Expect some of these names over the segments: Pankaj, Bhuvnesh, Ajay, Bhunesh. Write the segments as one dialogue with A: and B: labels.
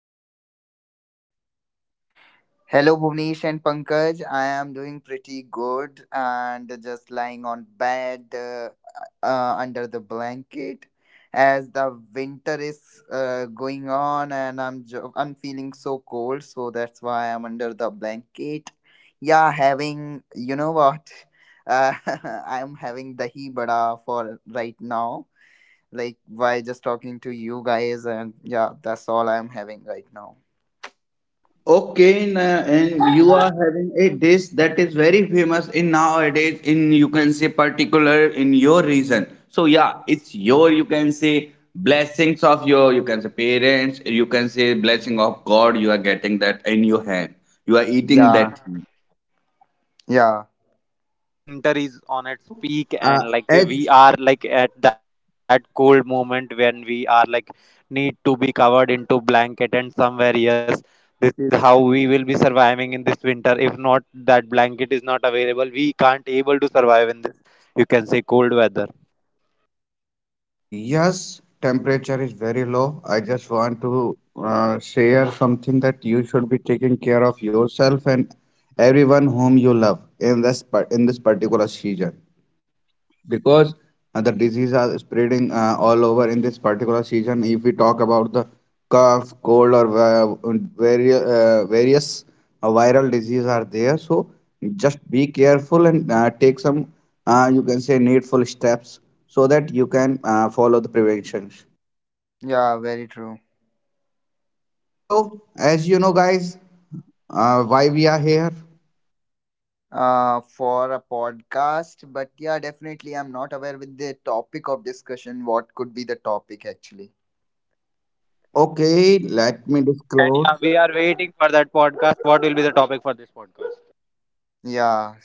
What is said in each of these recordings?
A: Bhunesh?
B: Hello, Bhuvnesh and Pankaj. I am doing pretty good and just lying on bed, under the blanket as the winter is going on, and I'm feeling so cold, so that's why I'm under the blanket. Yeah, having you know what? Uh, I'm having dahi bada for right now. Like, by just talking to you guys, and yeah, that's all I'm having right now.
C: Okay, and you are having a dish that is very famous in nowadays in you can say particular in your region. So yeah, it's your you can say blessings of your you can say parents, you can say blessing of God you are getting that in your hand. You are eating
B: Yeah,
C: that thing.
A: So yeah,
B: yeah.
A: somewhere like exactly winter is on its
C: So,
A: peak,
C: uh,
A: and like
C: as
A: we are like at that cold moment when we are like need to be covered into blanket, and somewhere yes, this is how we will be surviving in this winter. If not that blanket is not available, we can't able to survive in this. You can say cold weather.
C: yes, temperature is very low. I just want to share something that you should be taking care of yourself and everyone whom you love in this in this particular season because the disease are spreading all over in this particular season. If we talk about the cough, cold, or various various viral disease are there, so just be careful and take some you can say needful steps so that you can follow the preventions.
B: Yeah, very true.
C: So, as you know, guys, why we are here?
B: For a podcast, but yeah, definitely, I'm not aware with the topic of discussion. What could be the topic actually?
C: Okay, let me
A: And
C: disclose.
A: yeah, we are waiting for that podcast. What will be the topic for this podcast?
B: Yeah,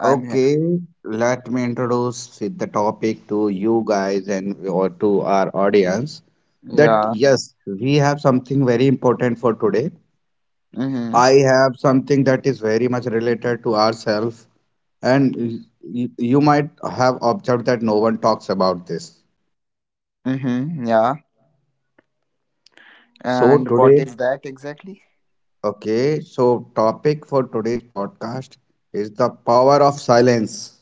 B: I'm here.
C: Okay, let me introduce with the topic to you guys and or to our audience that
B: Yeah.
C: yes, we have something very important for today.
B: Mm-hmm.
C: I have something that is very much related to ourselves, and you might have observed that no one talks about this.
B: Mm-hmm. Yeah.
C: So
B: And what
C: today,
B: is that exactly?
C: okay, so topic for today's podcast is the power of silence.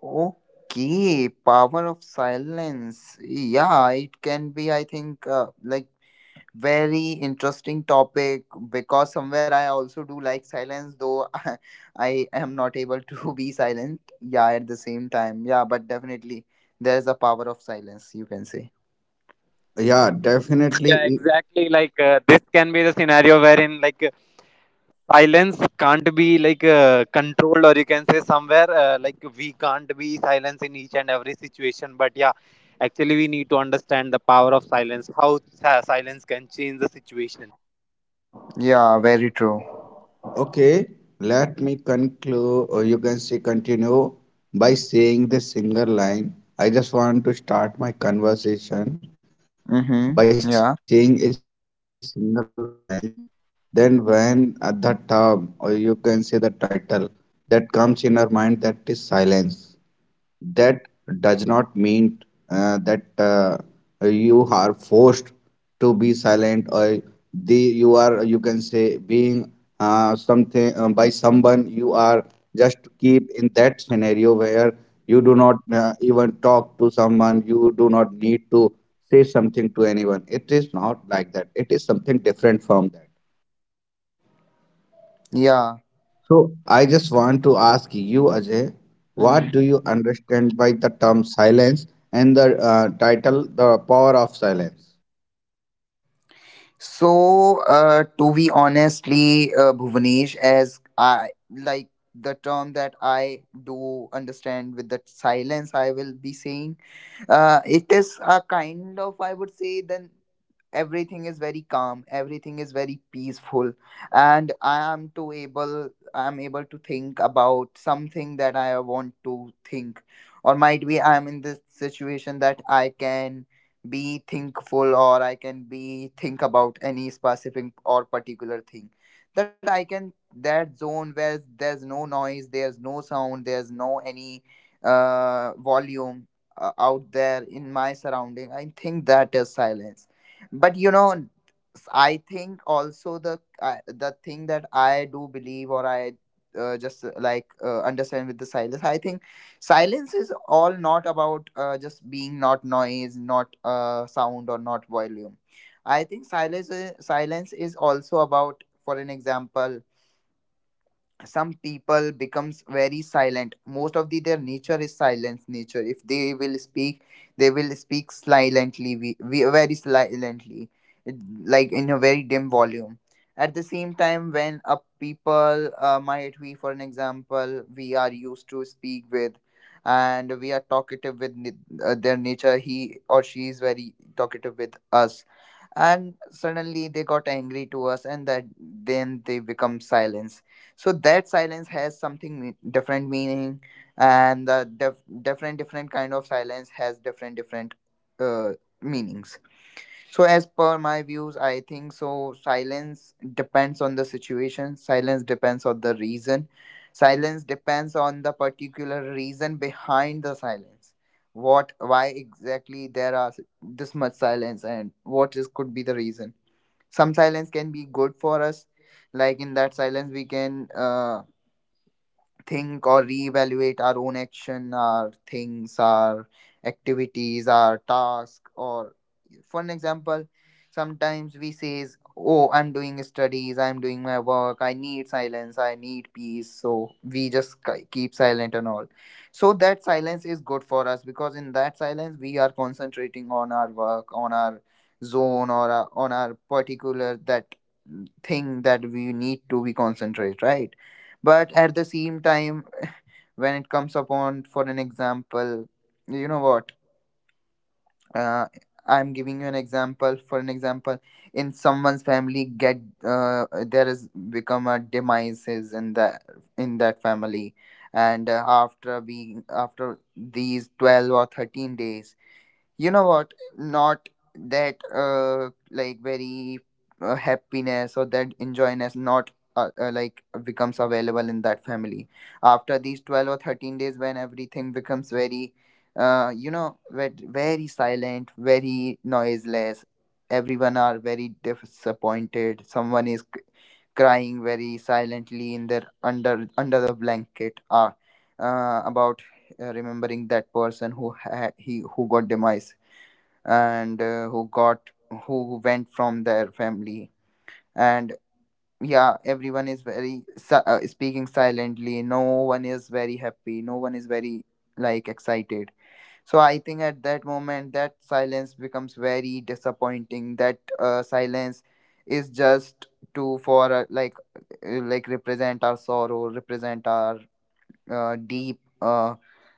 B: Okay, power of silence. Yeah, it can be. I think, like, very interesting topic, because somewhere I also do like silence, though I am not able to be silent. Yeah, at the same time. Yeah, but definitely there is a power of silence, you can say.
C: Yeah,
A: Yeah,
C: definitely.
A: exactly. Like this can be the scenario wherein like silence can't be like controlled or you can say somewhere like we can't be silence in each and every situation but yeah actually we need to understand the power of silence how silence can change the situation.
B: Yeah, very true.
C: Okay, let me conclude, or you can say continue by saying this single line. I just want to start my conversation by saying a
B: Mm-hmm.
C: single
B: Yeah.
C: line. Then, when the term, or you can say the title, that comes in our mind, that is silence that does not mean that you are forced to be silent or the you are you can say being something by someone you are just keep in that scenario where you do not even talk to someone, you do not need to say something to anyone. It is not like that, it is something different from that.
B: Yeah.
C: So I just want to ask you, Ajay,
B: Mm.
C: what do you understand by the term silence and the title, The Power of Silence?
B: So, to be honestly, Bhuvanesh, as I like the term that I do understand with the silence, I will be saying it is a kind of, I would say, then everything is very calm, everything is very peaceful, and I am too able, I am able to think about something that I want to think, or might be I am in this situation that I can be thinkful, or I can be think about any specific or particular thing, that I can, that zone where there's no noise, there's no sound, there's no any volume out there in my surrounding. I think that is silence. But you know, I think also the thing that I do believe, or I just like understand with the silence. I think silence is all not about, just being not noise, not sound, or not volume. I think silence is also about, for an example, some people becomes very silent. Most of the their nature is silence nature. If they will speak, they will speak silently. We very silently. it- like in a very dim volume. At the same time, when a people might we, for an example, we are used to speak with, and we are talkative with their nature, he or she is very talkative with us, and suddenly they got angry to us, and that then they become silence. So that silence has something, different meaning. And the different different kind of silence has different different uh, meanings. So, as per my views, I think so. Silence depends on the situation, silence depends on the reason, silence depends on the particular reason behind the silence. What, why exactly there are this much silence, and what is could be the reason. Some silence can be good for us, like in that silence, we can think or reevaluate our own action, our things, our activities, our task. Or, for an example, sometimes we says, "Oh, I'm doing studies. I'm doing my work. I need silence. I need peace." So we just keep silent and all. So that silence is good for us, because in that silence we are concentrating on our work, on our zone, or our, on our particular that thing that we need to be concentrate, right? But at the same time, when it comes upon, for an example, you know what, uh, I'm giving you an example. For an example, in someone's family get, uh, there is become a demises in that family, and after being after these 12 or 13 days, you know what not, that like very happiness or that enjoyness not like becomes available in that family. After these 12 or 13 days, when everything becomes very very silent, very noiseless, everyone are very disappointed, someone is crying very silently in their under the blanket about remembering that person who had he who got demise, and who went from their family. And yeah, everyone is very speaking silently, no one is very happy, no one is very like excited. So I think at that moment that silence becomes very disappointing, that silence is just to, for like represent our sorrow, represent our deep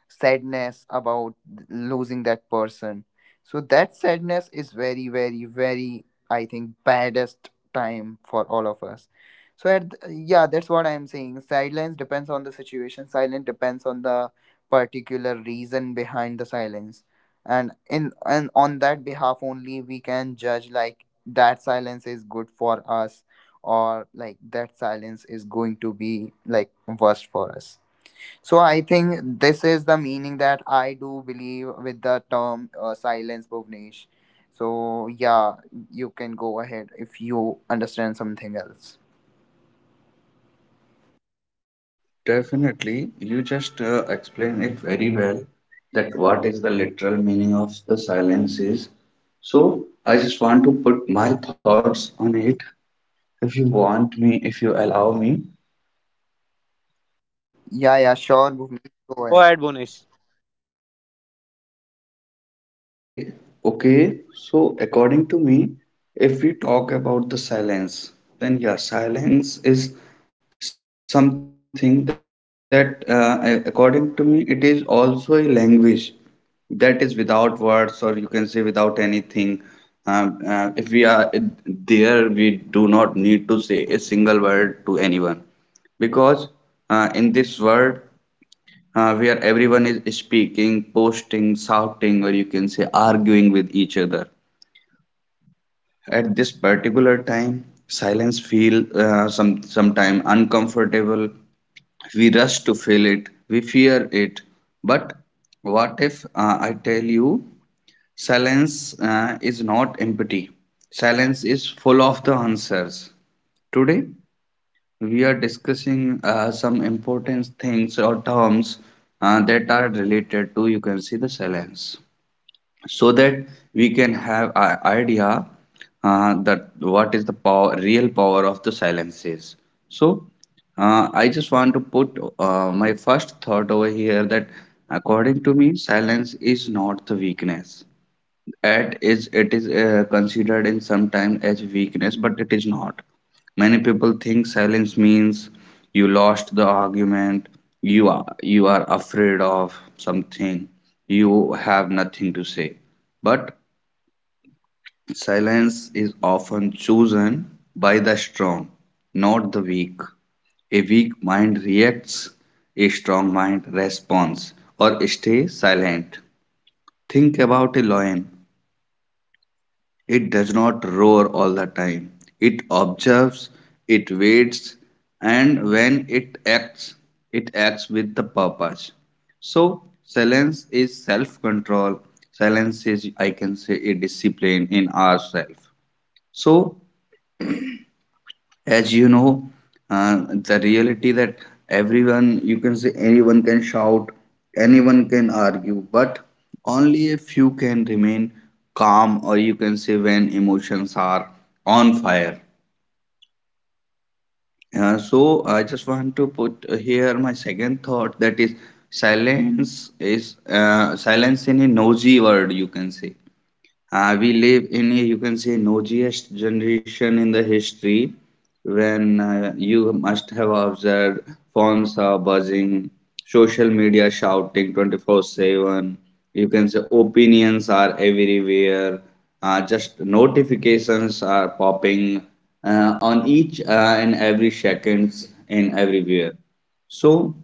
B: sadness about losing that person. So that sadness is very very very, I think, baddest time for all of us. So at yeah, that's what I am saying, silence depends on the situation, silence depends on the particular reason behind the silence. And in and on that behalf only we can judge, like that silence is good for us, or like that silence is going to be like worst for us. So I think this is the meaning that I do believe with the term silence, Bhuvnesh. So yeah, you can go ahead if you understand something else.
C: Definitely, you just explained it very well that what is the literal meaning of the silence is. So, I just want to put my thoughts on it if you want me, if you allow me.
B: Yeah, yeah, sure, Bhuvnesh,
A: Yes,
B: go
A: go
B: ahead.
A: ahead, Bonish.
C: Okay, okay. So, according to me, if we talk about the silence, then yeah, silence is something that, according to me, it is also a language that is without words, or you can say without anything. If we are there, we do not need to say a single word to anyone because in this world where everyone is speaking, posting, shouting, or you can say arguing with each other at this particular time, silence feel some sometime uncomfortable. We rush to feel it. We fear it. But what if I tell you, silence is not empty. Silence is full of the answers. Today, we are discussing some important things or terms that are related to you can see the silence so that we can have an idea that what is the power, real power of the silence is. So I just want to put my first thought over here that according to me, silence is not the weakness. At is it is considered in some time as weakness, but it is not. Many people think silence means you lost the argument, you are afraid of something, you have nothing to say. But silence is often chosen by the strong, not the weak. A weak mind reacts, a strong mind responds or stay silent. Think about a lion. It does not roar all the time. It observes, it waits, and when it acts with the purpose. So, silence is self control, silence is, I can say, a discipline in ourselves. So, as you know the reality that everyone you can say anyone can shout, anyone can argue but only a few can remain calm or you can say when emotions are on fire. So I just want to put here my second thought that silence is silence in a noisy world you can say we live in a, you can say, noisiest generation in the history when you must have observed phones are buzzing, social media shouting 24/7. You can say opinions are everywhere, just notifications are popping on each and every seconds in everywhere. So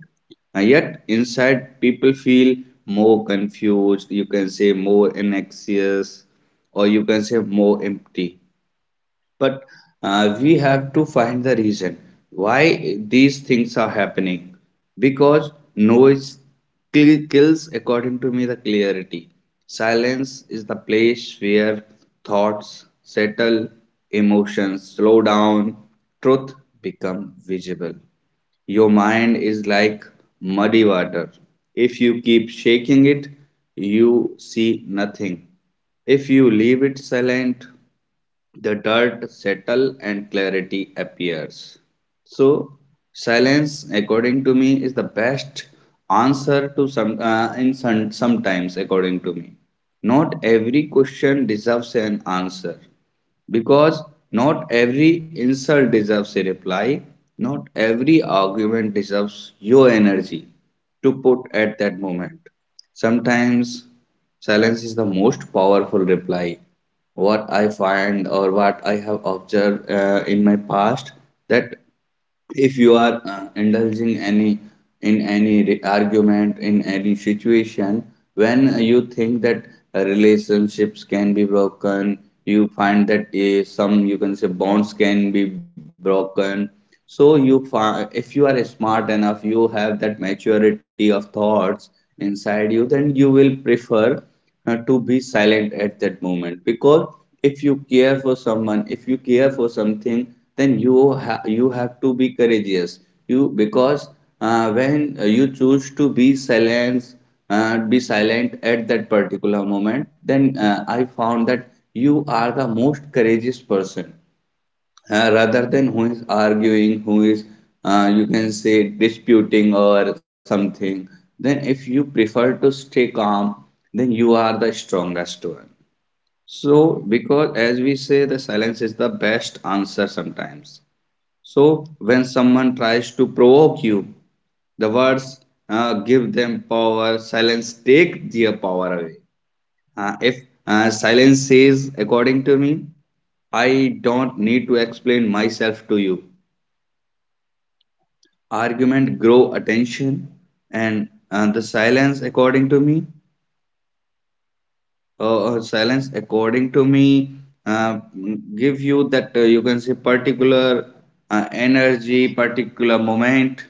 C: yet inside, people feel more confused, you can say more anxious, or you can say more empty. But we have to find the reason why these things are happening because noise kills, according to me, the clarity. Silence is the place where thoughts settle, emotions slow down, truth become visible. Your mind is like muddy water. If you keep shaking it, you see nothing. If you leave it silent, the dirt settles and clarity appears. So, silence, according to me, is the best answer to some in some, sometimes, according to me. Not every question deserves an answer. Because not every insult deserves a reply, not every argument deserves your energy to put at that moment. Sometimes silence is the most powerful reply. What I find or what I have observed in my past that if you are indulging any in any argument in any situation when you think that relationships can be broken, you find that some you can say bonds can be broken. So you if you are smart enough, you have that maturity of thoughts inside you, then you will prefer to be silent at that moment because if you care for someone, if you care for something, then you you have to be courageous you because when you choose to be silent, be silent at that particular moment, then I found that you are the most courageous person, rather than who is arguing, who is you can say disputing or something, then if you prefer to stay calm, then you are the strongest one. So, because as we say, the silence is the best answer sometimes. So, when someone tries to provoke you, the words give them power, silence take their power away. If silence says, according to me, I don't need to explain myself to you. Argument grow attention and the silence according to me silence according to me uh, give you that you can say particular energy particular moment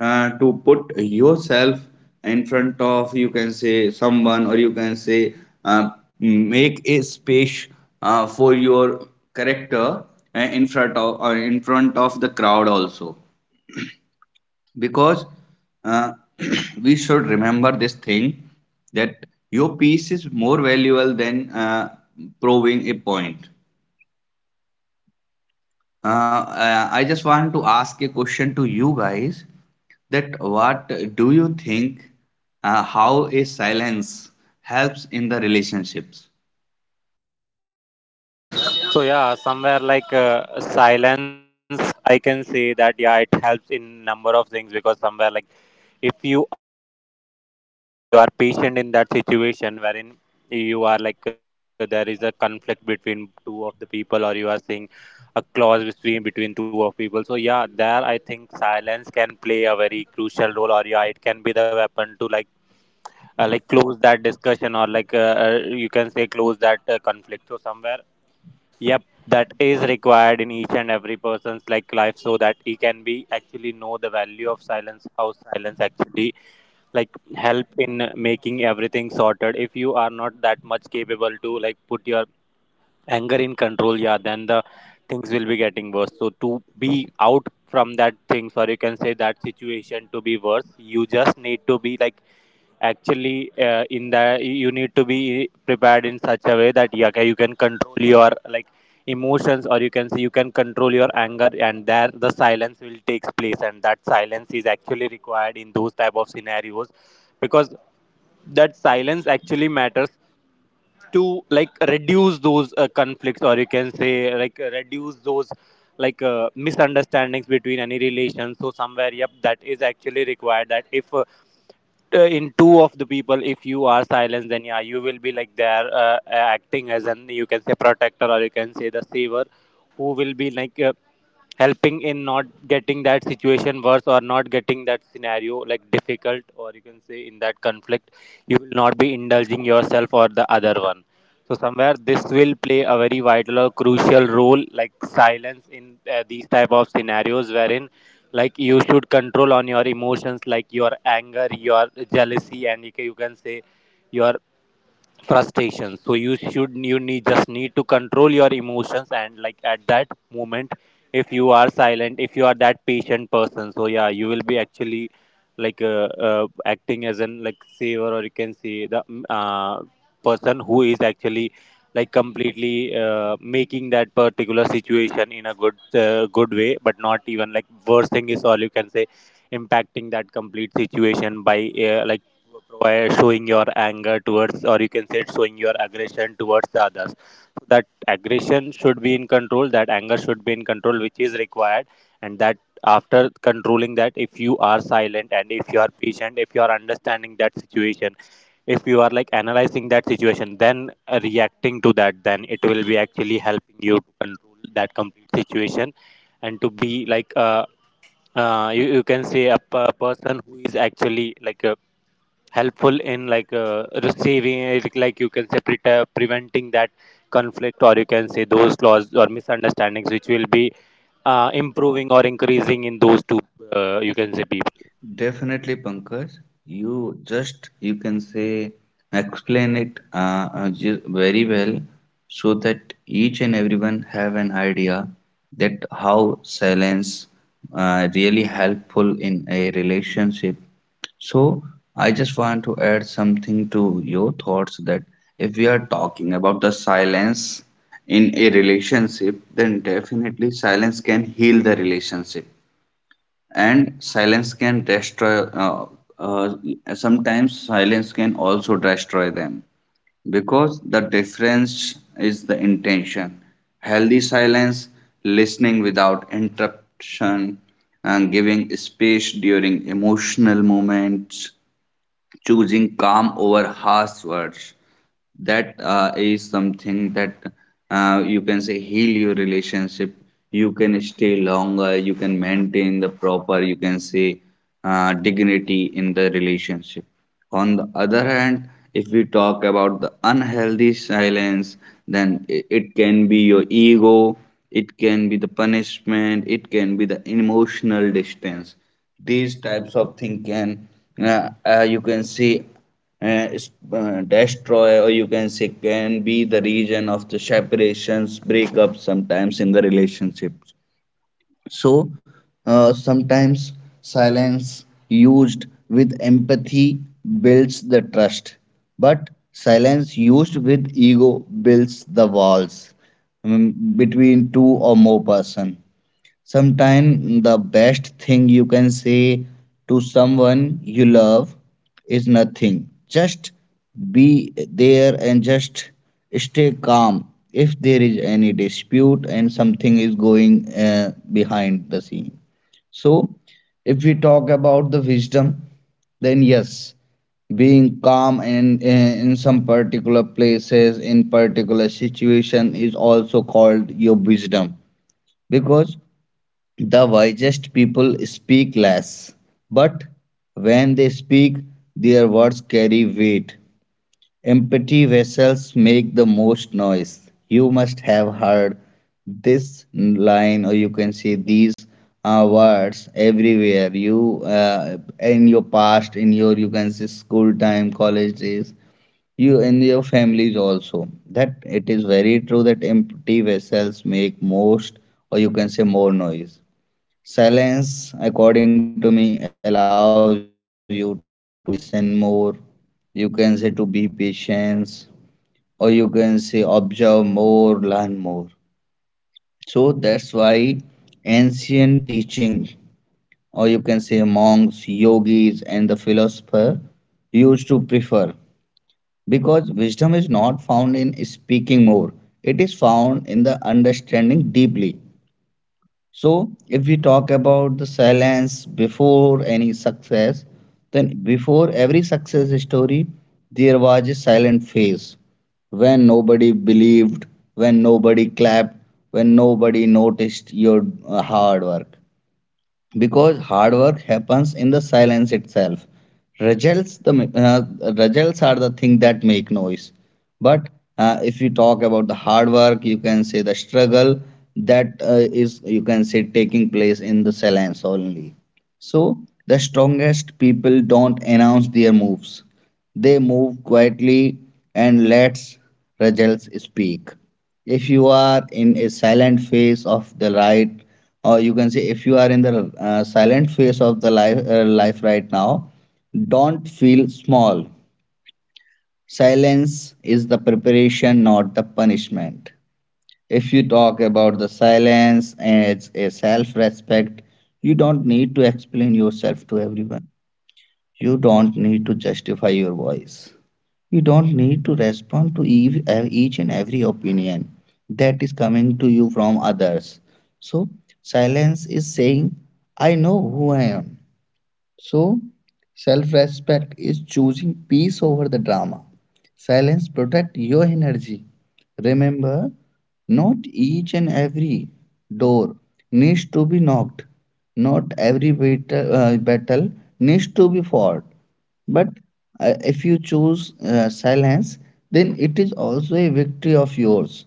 C: to put yourself in front of you can say someone or you can say uh, make a space for your character in front of the crowd also because uh, we should remember this thing that your piece is more valuable than proving a point. I just want to ask a question to you guys that what do you think how a silence helps in the relationships?
A: So yeah, somewhere like silence, I can say that yeah, it helps in number of things because
C: Hello
A: somewhere like
C: guys, are you
A: if
C: there?
A: you are silent in that situation or if you are patient in that situation wherein you are like there is a conflict between two of the people or you are seeing a clause between two of people. So yeah, there I think silence can play a very crucial role or yeah, it can be the weapon to like close that discussion or like you can say close that conflict so somewhere, yep, that is required in each and every person's like life so that he can be actually know the value of silence, how silence actually like help in making everything sorted. If you are not that much capable to like put your anger in control, yeah, then the things will be getting worse so to be out from that thing or you can say that situation to be worse you just need to be like actually in the you need to be prepared in such a way that yeah, okay, you can control your like emotions or you can say you can control your anger and there the silence will takes place and that silence is actually required in those type of scenarios because that silence actually matters to like reduce those conflicts or you can say like reduce those like misunderstandings between any relations so somewhere yep that is actually required that if in two of the people if you are silenced then yeah you will be like there acting as an you can say protector or you can say the saver who will be like helping in not getting that situation worse or not getting that scenario like difficult or you can say in that conflict you will not be indulging yourself or the other one so somewhere this will play a very vital or crucial role like silence in these type of scenarios wherein like you should control on your emotions like your anger your jealousy and you can say your frustration so you need just need to control your emotions and like at that moment if you are silent if you are that patient person so yeah you will be actually like acting as an like saver or you can say the person who is actually like completely making that particular situation in a good good way but not even like worsening is all you can say impacting that complete situation by like by showing your anger towards or you can say it's showing your aggression towards the others. So that aggression should be in control, that anger should be in control which is required and that after controlling that if you are silent and if you are patient if you are understanding that situation if you are like analyzing that situation then reacting to that then it will be actually helping you to control that complete situation and to be like you, you can say a person who is actually like a helpful in like receiving it, like you can say preventing that conflict or you can say those laws or misunderstandings which will be improving or increasing in those two you can say people.
C: Definitely, Pankaj. You just you can say explain it very well so that each and everyone have an idea that how silence really helpful in a relationship. So I just want to add something to your thoughts that if we are talking about the silence in a relationship, then definitely silence can heal the relationship and silence can destroy uh, sometimes silence can also destroy them because the difference is the intention. Healthy silence, listening without interruption and giving space during emotional moments, choosing calm over harsh words, that is something that you can say heal your relationship. You can stay longer, you can maintain the proper you can say dignity in the relationship. On the other hand, if we talk about the unhealthy silence, then it can be your ego, it can be the punishment, it can be the emotional distance. These types of thing can you can say uh, destroy or you can say can be the reason of the separations, breakups sometimes in the relationships. So sometimes silence used with empathy builds the trust, but silence used with ego builds the walls, mm, between two or more person. Sometimes the best thing you can say to someone you love is nothing. Just be there and just stay calm if there is any dispute and something is going behind the scene. So, if we talk about the wisdom, then yes, being calm and in some particular places in particular situation is also called your wisdom because the wisest people speak less, but when they speak, their words carry weight. Empty vessels make the most noise. You must have heard this line, or you can say these words everywhere. You in your past, in your, you can say, school time, college days, you in your families also. That it is very true that empty vessels make most, or you can say more noise. Silence, according to me, allows you to listen more. You can say to be patient, or you can say observe more, learn more. So that's why ancient teaching, or you can say monks, yogis, and the philosopher used to prefer because wisdom is not found in speaking more, it is found in the understanding deeply. So, if we talk about the silence before any success, then before every success story, there was a silent phase when nobody believed, when nobody clapped, when nobody noticed your hard work, because hard work happens in the silence itself. results the uh, Results are the thing that make noise, but if you talk about the hard work, you can say the struggle, that is, you can say, taking place in the silence only. So the strongest people don't announce their moves, they move quietly and lets results speak. If you are in a silent phase of the right, or you can say if you are in the silent phase of the life life right now, don't feel small. Silence is the preparation, not the punishment. If you talk about the silence as a self respect, you don't need to explain yourself to everyone, you don't need to justify your voice, you don't need to respond to each and every opinion that is coming to you from others. So, silence is saying, I know who I am. So, self respect is choosing peace over the drama. Silence protect your energy. Remember, not each and every door needs to be knocked. Not every battle, battle needs to be fought. But if you choose silence, then it is also a victory of yours,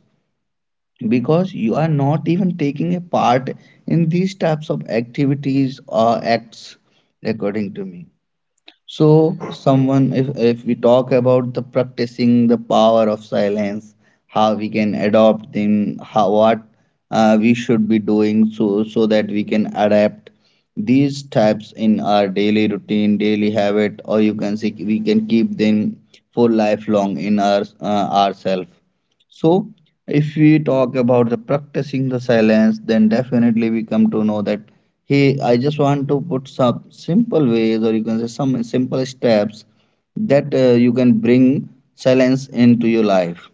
C: because you are not even taking a part in these types of activities or acts, according to me. So, someone, if we talk about the practicing the power of silence, how we can adopt them, how what we should be doing, so so that we can adapt these types in our daily routine, daily habit, or you can say we can keep them for lifelong in our ourselves. So, if we talk about the practicing the silence, then definitely we come to know that, hey, I just want to put some simple ways, or you can say some simple steps that you can bring silence into your life.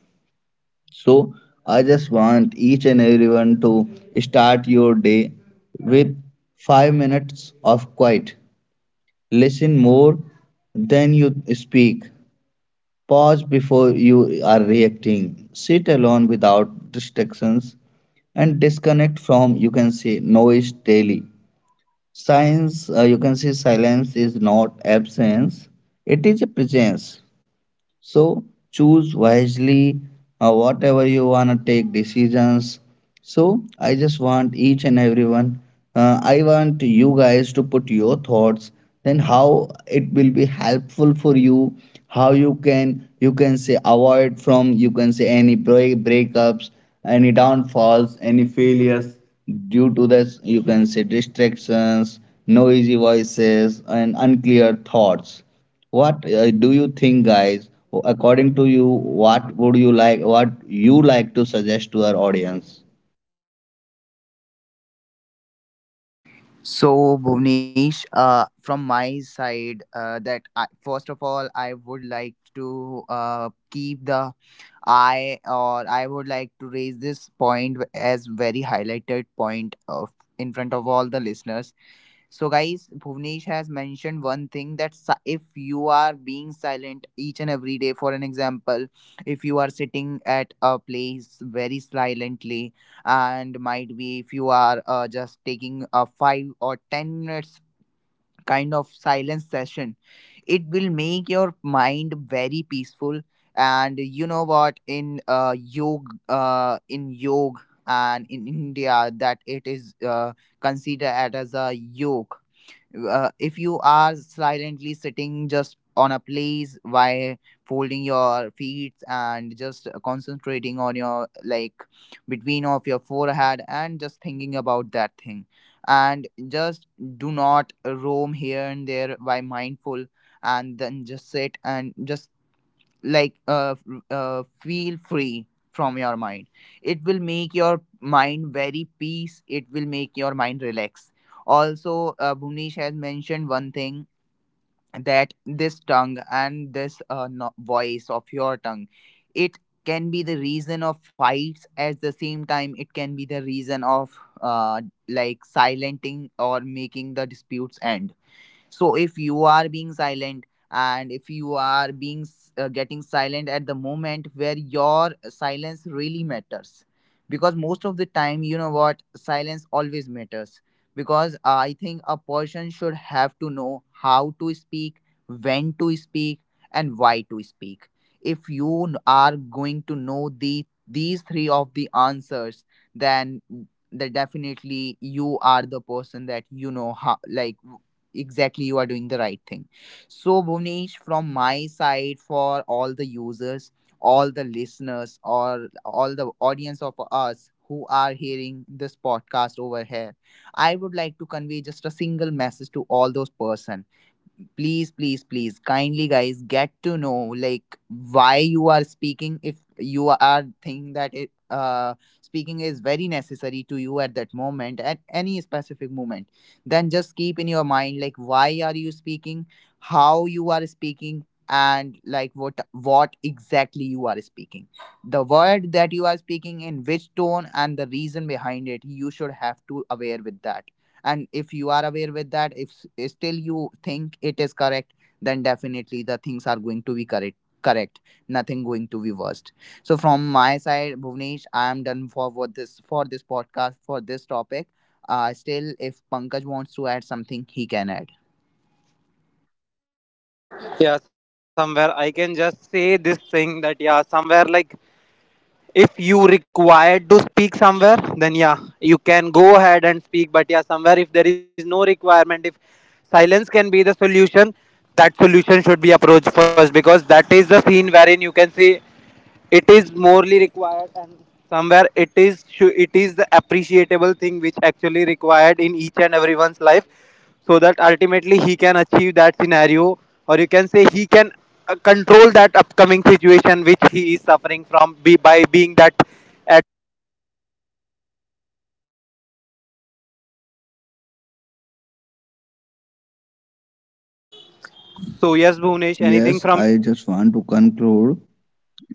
C: So, I just want each and everyone to start your day with 5 minutes of quiet. Listen more than you speak. Pause before you are reacting. Sit alone without distractions and disconnect from, you can say, noise daily. Science, you can say, silence is not absence, it is a presence. So choose wisely whatever you want to take decisions. So I just want each and everyone, I want you guys to put your thoughts, then how it will be helpful for you, how you can, you can say, avoid from, you can say, any breakups, any downfalls, any failures due to this, you can say, distractions, noisy voices, and unclear thoughts. What do you think, guys? According to you, what would you like? What you like to suggest to our audience?
B: So, Bhuvnesh, from my side, that I, first of all, I would like to keep the eye, or I would like to raise this point as very highlighted point of in front of all the listeners. So, guys, Bhuvnesh has mentioned one thing, that if you are being silent each and every day, for an example, if you are sitting at a place very silently, and might be if you are just taking a 5 or 10 minutes kind of silence session, it will make your mind very peaceful. And you know what, in yog, and in India, that it is considered as a yog, if you are silently sitting just on a place, while folding your feet and just concentrating on your, like, between of your forehead, and just thinking about that thing, and just do not roam here and there by mindful, and then just sit and just like uh, f- feel free from your mind. It will make your mind very peace, it will make your mind relax. Also, Bhuvnesh has mentioned one thing, that this tongue and this voice of your tongue, it can be the reason of fights. At the same time, it can be the reason of like silencing or making the disputes end. So if you are being silent, and if you are being getting silent at the moment where your silence really matters, because most of the time, you know what, silence always matters. Because I think a person should have to know how to speak, when to speak, and why to speak. If you are going to know the these three of the answers, then that definitely you are the person that you know how, like, exactly you are doing the right thing. So, Bhuvnesh, from my side, for all the users, all the listeners, or all the audience of us who are hearing this podcast over here, I would like to convey just a single message to all those person. Please please please kindly guys, get to know, like, why you are speaking. If you are thinking that it speaking is very necessary to you at that moment, at any specific moment, then just keep in your mind, like, why are you speaking, how you are speaking, and like what exactly you are speaking, the word that you are speaking in which tone, and the reason behind it you should have to aware with that. And if you are aware with that, if still you think it is correct, then definitely the things are going to be correct correct, nothing going to be worst. So from my side, Bhuvnesh, I am done for what this for this podcast, for this topic. Still if Pankaj wants to add something, he can add.
A: Yeah, somewhere I can just say this thing that yeah somewhere like if you required to speak somewhere then yeah you can go ahead and speak but yeah somewhere if there is no requirement, if silence can be the solution, that solution should be approached first because that is the scene wherein you can see it is morely required and somewhere it is the appreciable thing which actually required in each and everyone's life so that ultimately he can achieve that scenario or you can say he can control that upcoming situation which he is suffering from by being that at that silence. So yes, Bhunesh, anything
C: Yes,
A: from you?
C: I just want to conclude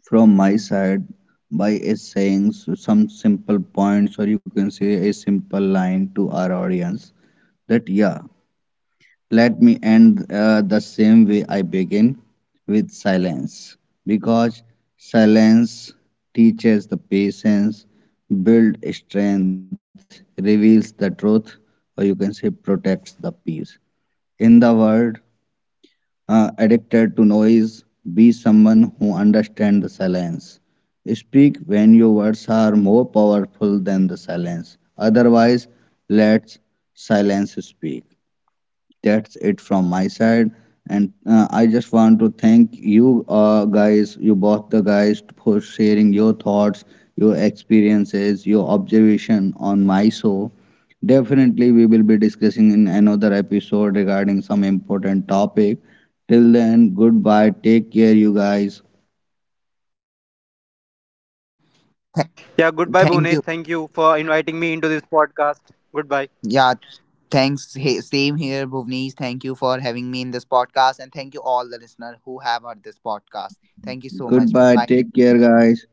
C: from my side by saying some simple points, or you can say a simple line to our audience, that, yeah, let me end the same way I begin, with silence, because silence teaches the patience, builds strength, reveals the truth, or you can say protects the peace. In the world addicted to noise, be someone who understands the silence. Speak when your words are more powerful than the silence. Otherwise, let silence speak. That's it from my side. And I just want to thank you, guys, you both the guys, for sharing your thoughts, your experiences, your observation on my show. Definitely, we will be discussing in another episode regarding some important topic. Till then, goodbye. Take care, you guys.
A: Yeah, goodbye
B: Thank you.
A: Bhunesh, thank you for inviting me into this podcast. Goodbye.
B: Yeah, thanks. Hey, same here, Bhuvnesh, thank you for having me in this podcast, and thank you all the listener who have heard this podcast. Thank you so much, bye
C: Goodbye.
B: bye.
C: Take care, guys.